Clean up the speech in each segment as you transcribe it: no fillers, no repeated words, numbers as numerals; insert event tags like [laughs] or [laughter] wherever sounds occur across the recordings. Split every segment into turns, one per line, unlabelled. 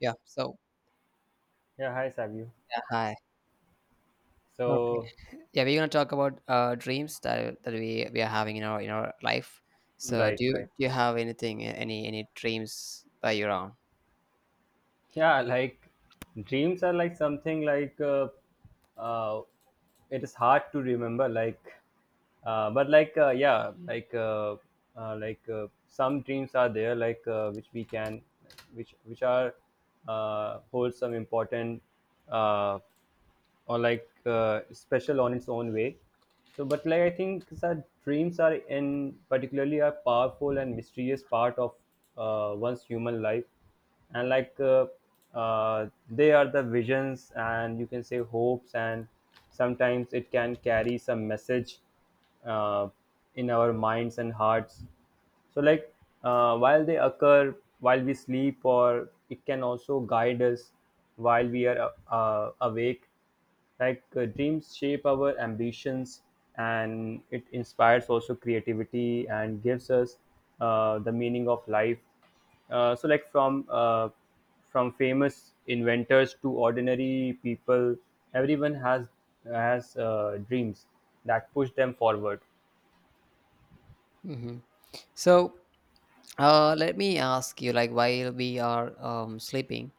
Yeah. So,
Yeah, hi Savio.
yeah, hi. uh,
So,
[laughs] yeah, we're gonna talk about dreams that we are having in our life. So,
right,
do you
right.
do you have anything, any dreams that you're on?
Yeah, like dreams are like something like uh, it is hard to remember. Like, but like, yeah, some dreams are there, like, which we can, which are hold some important uh, or like special on its own way, so but like I think that dreams are in particularly a powerful and mysterious part of one's human life. And they are the visions and you can say hopes, and sometimes it can carry some message uh, in our minds and hearts. So, while they occur while we sleep, or it can also guide us while we are awake. Dreams shape our ambitions, and it inspires also creativity and gives us the meaning of life. So, from famous inventors to ordinary people, everyone has dreams that push them forward.
Hmm. So, let me ask you, like, while we are sleeping,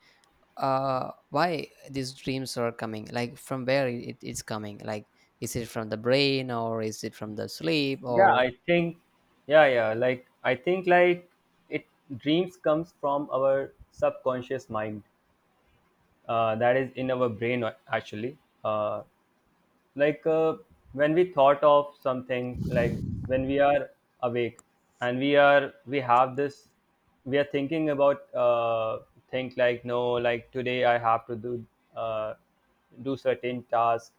why these dreams are coming? Like, from where it's coming? Like, is it from the brain or is it from the sleep?
Yeah,
Or
I think. Yeah, yeah. Like I think like it dreams comes from our subconscious mind. That is in our brain actually. Uh, like uh, when we thought of something, like when we are awake and we have this, we are thinking about, think like, no, like today I have to do uh, do certain task,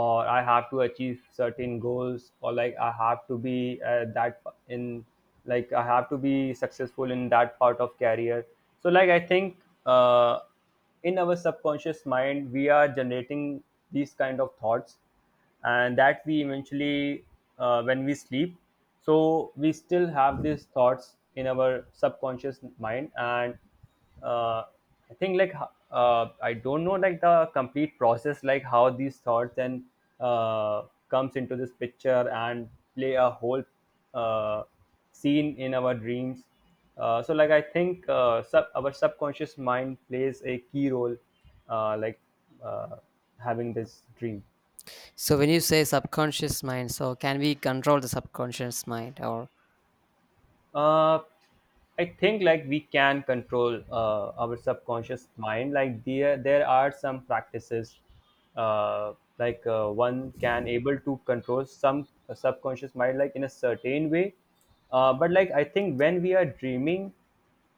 or I have to achieve certain goals, or like I have to be that in like I have to be successful in that part of career. So like I think uh, in our subconscious mind we are generating these kind of thoughts, and that we eventually when we sleep, so we still have these thoughts in our subconscious mind. And uh, I think like I don't know like the complete process, like how these thoughts then uh, comes into this picture and play a whole uh, scene in our dreams. So like I think our subconscious mind plays a key role like uh, having this dream.
so when you say subconscious mind, so can we control the subconscious mind or?
Uh, I think like we can control our subconscious mind. Like there are some practices, like, one can able to control some subconscious mind like in a certain way. But like I think when we are dreaming,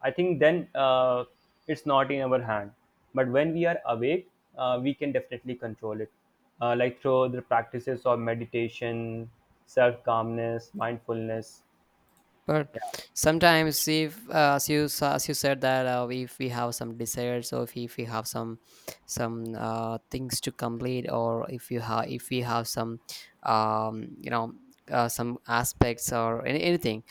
I think then it's not in our hand. But when we are awake, we can definitely control it, like through the practices of meditation, self calmness, mindfulness.
But
Yeah,
sometimes, if as you said that if we have some desires or if we have some some things to complete, or if you have, if we have some um, you know some aspects or anything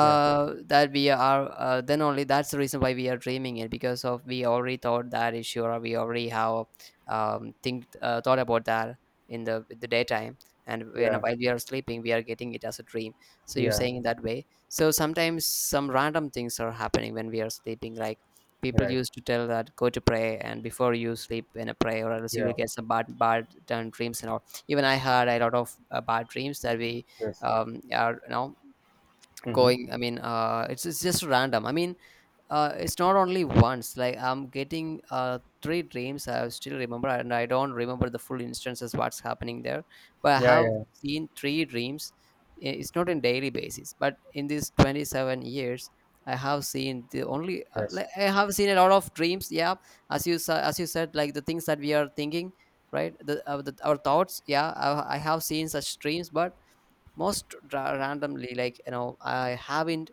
yeah.
that we are then only that's the reason why we are dreaming it, because of we already thought that issue or we already have think thought about that in the daytime, and when
Yeah,
while we are sleeping we are getting it as a dream. So you're
yeah,
saying that way. So sometimes some random things are happening when we are sleeping. Like, people
right.
used to tell that go to pray and before you sleep in a prayer, or else you will
Yeah,
get some bad done dreams and all. Even I had a lot of bad dreams that we
yes.
are, you know,
Mm-hmm.
going. I mean, it's just random. I mean, it's not only once. Like, I'm getting three dreams I still remember, and I don't remember the full instances, what's happening there, but I
Yeah,
have
yeah,
seen three dreams. It's not in daily basis, but in these 27 years I have seen the only
yes,
like, I have seen a lot of dreams, yeah, as as you said, like the things that we are thinking, right, the our thoughts. Yeah, I have seen such dreams, but most randomly, like, you know, I haven't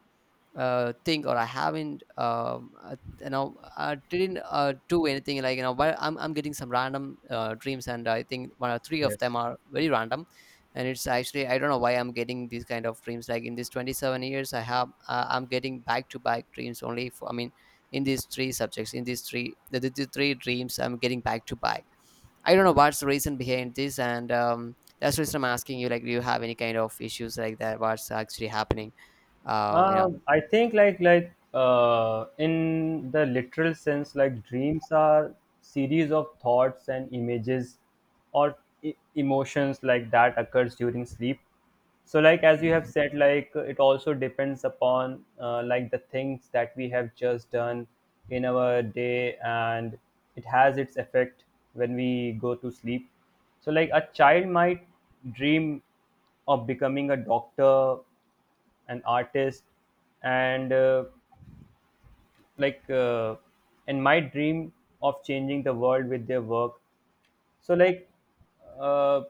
thing, or I haven't you know, I didn't do anything, like, you know, but I'm getting some random dreams, and I think one or three of
yes.
them are very random, and it's actually, I don't know why I'm getting these kind of dreams. Like, in these 27 years I have I'm getting back to back dreams only for, I mean, in these three subjects. In these three, the three dreams I'm getting back to back. I don't know what's the reason behind this, and that's the reason I'm asking you, like, do you have any kind of issues like that, what's actually happening? uh, you know
I think like in the literal sense, like dreams are series of thoughts and images, or emotions like that occurs during sleep. So like as you have said, like it also depends upon, like the things that we have just done in our day, and it has its effect when we go to sleep. So like a child might dream of becoming a doctor, an artist. And uh, like uh, and my dream of changing the world with their work. So like uh,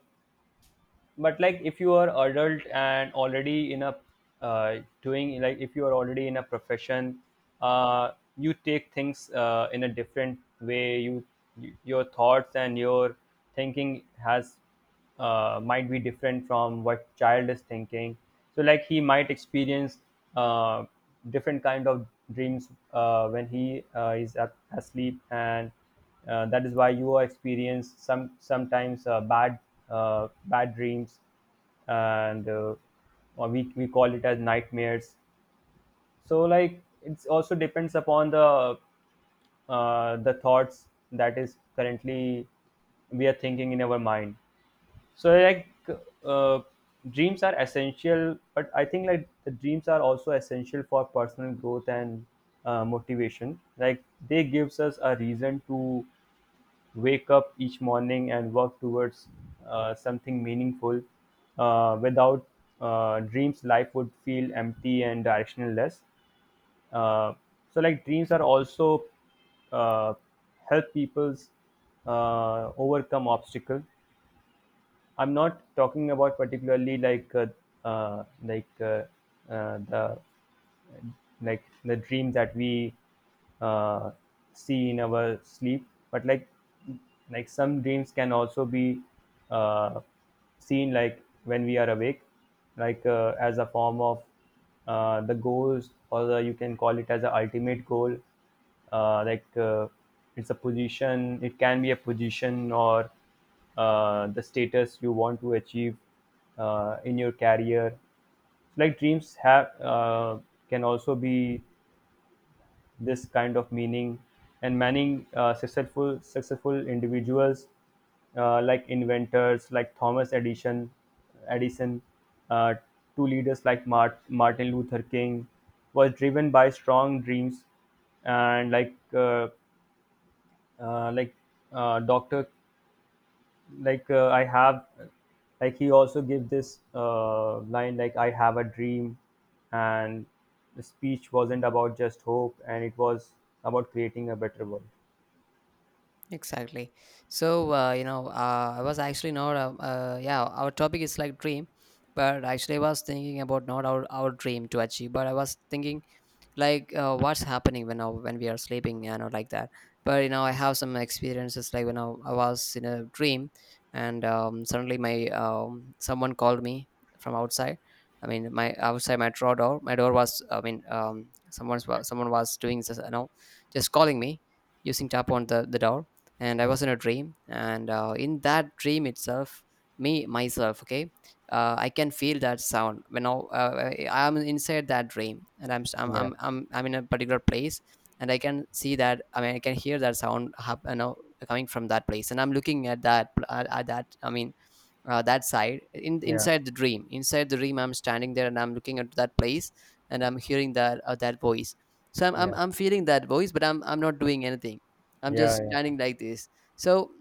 but like if you are adult and already in a doing, like if you are already in a profession, uh, you take things in a different way. You your thoughts and your thinking has, might be different from what child is thinking. So like he might experience uh, different kind of dreams when he asleep. And that is why you experience sometimes bad dreams, and or we call it as nightmares. So like it's also depends upon the thoughts that is currently we are thinking in our mind. So like uh, dreams are essential, but I think like the dreams are also essential for personal growth and motivation. Like they gives us a reason to wake up each morning and work towards something meaningful. Without dreams, life would feel empty and directionless. Uh, so, like dreams are also uh, help people's overcome obstacle. I'm not talking about particularly uh, like uh, uh, the like the dream that we uh, see in our sleep, but like some dreams can also be uh, seen like when we are awake, as a form of the goals, or the, you can call it as an ultimate goal. uh, like uh, it's a position, it can be a position or the status you want to achieve in your career. Like dreams have, can also be this kind of meaning. And many successful individuals, like inventors like Thomas Edison uh, to leaders like Martin Luther King, was driven by strong dreams. And like dr like I have, like he also gave this line like I have a dream, and the speech wasn't about just hope, and it was about creating a better world.
Exactly. So I was actually not. Yeah, our topic is like dream, but actually I was thinking about not our dream to achieve, but I was thinking like, what's happening when when we are sleeping, you know, like that. But you know, I have some experiences like when I was in a dream, and suddenly my, someone called me from outside. I mean, my outside, my draw door, my door was, I mean, someone's, someone was doing this, you know, just calling me, using
Okay.
tap on the door, and I
Okay.
was in a dream, and in that dream itself, me myself, okay, I can feel that sound when I am inside that dream, and I'm, I'm
Yeah.
I'm I'm I'm in a particular place, and I can see that, I mean, I can hear that sound you know, coming from that place, and I'm looking at that at that, I mean, that side, in
Yeah.
inside the dream, inside the dream, I'm standing there and I'm looking at that place, and I'm hearing that that voice. So I'm, I'm
Yeah.
I'm feeling that voice, but I'm not doing anything. I'm
Yeah.
just
Yeah.
standing like this. So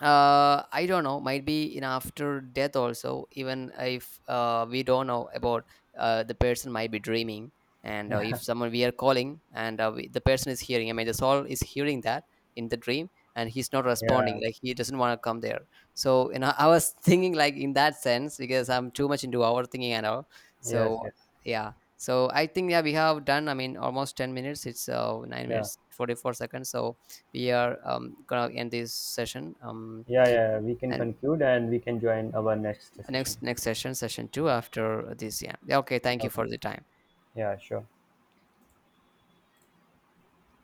I don't know, might be in after death also, even if we don't know about the person might be dreaming. And if
Yeah.
someone we are calling, and the person is hearing, I mean, the soul is hearing that in the dream, and he's not responding,
Yeah.
like he doesn't want to come there. So, you know, I was [laughs] thinking like in that sense, because I'm too much into our thinking and all.
Yes.
So,
Yes.
yeah. So I think, yeah, we have done, I mean, almost 10 minutes. It's 9
Yeah.
minutes, 44 seconds. So, we are gonna end this session,
Yeah. Yeah. We can
and
conclude and we can join our next session.
next session two after this. Yeah. Yeah, okay, thank you
Okay.
for the time.
Yeah. Sure.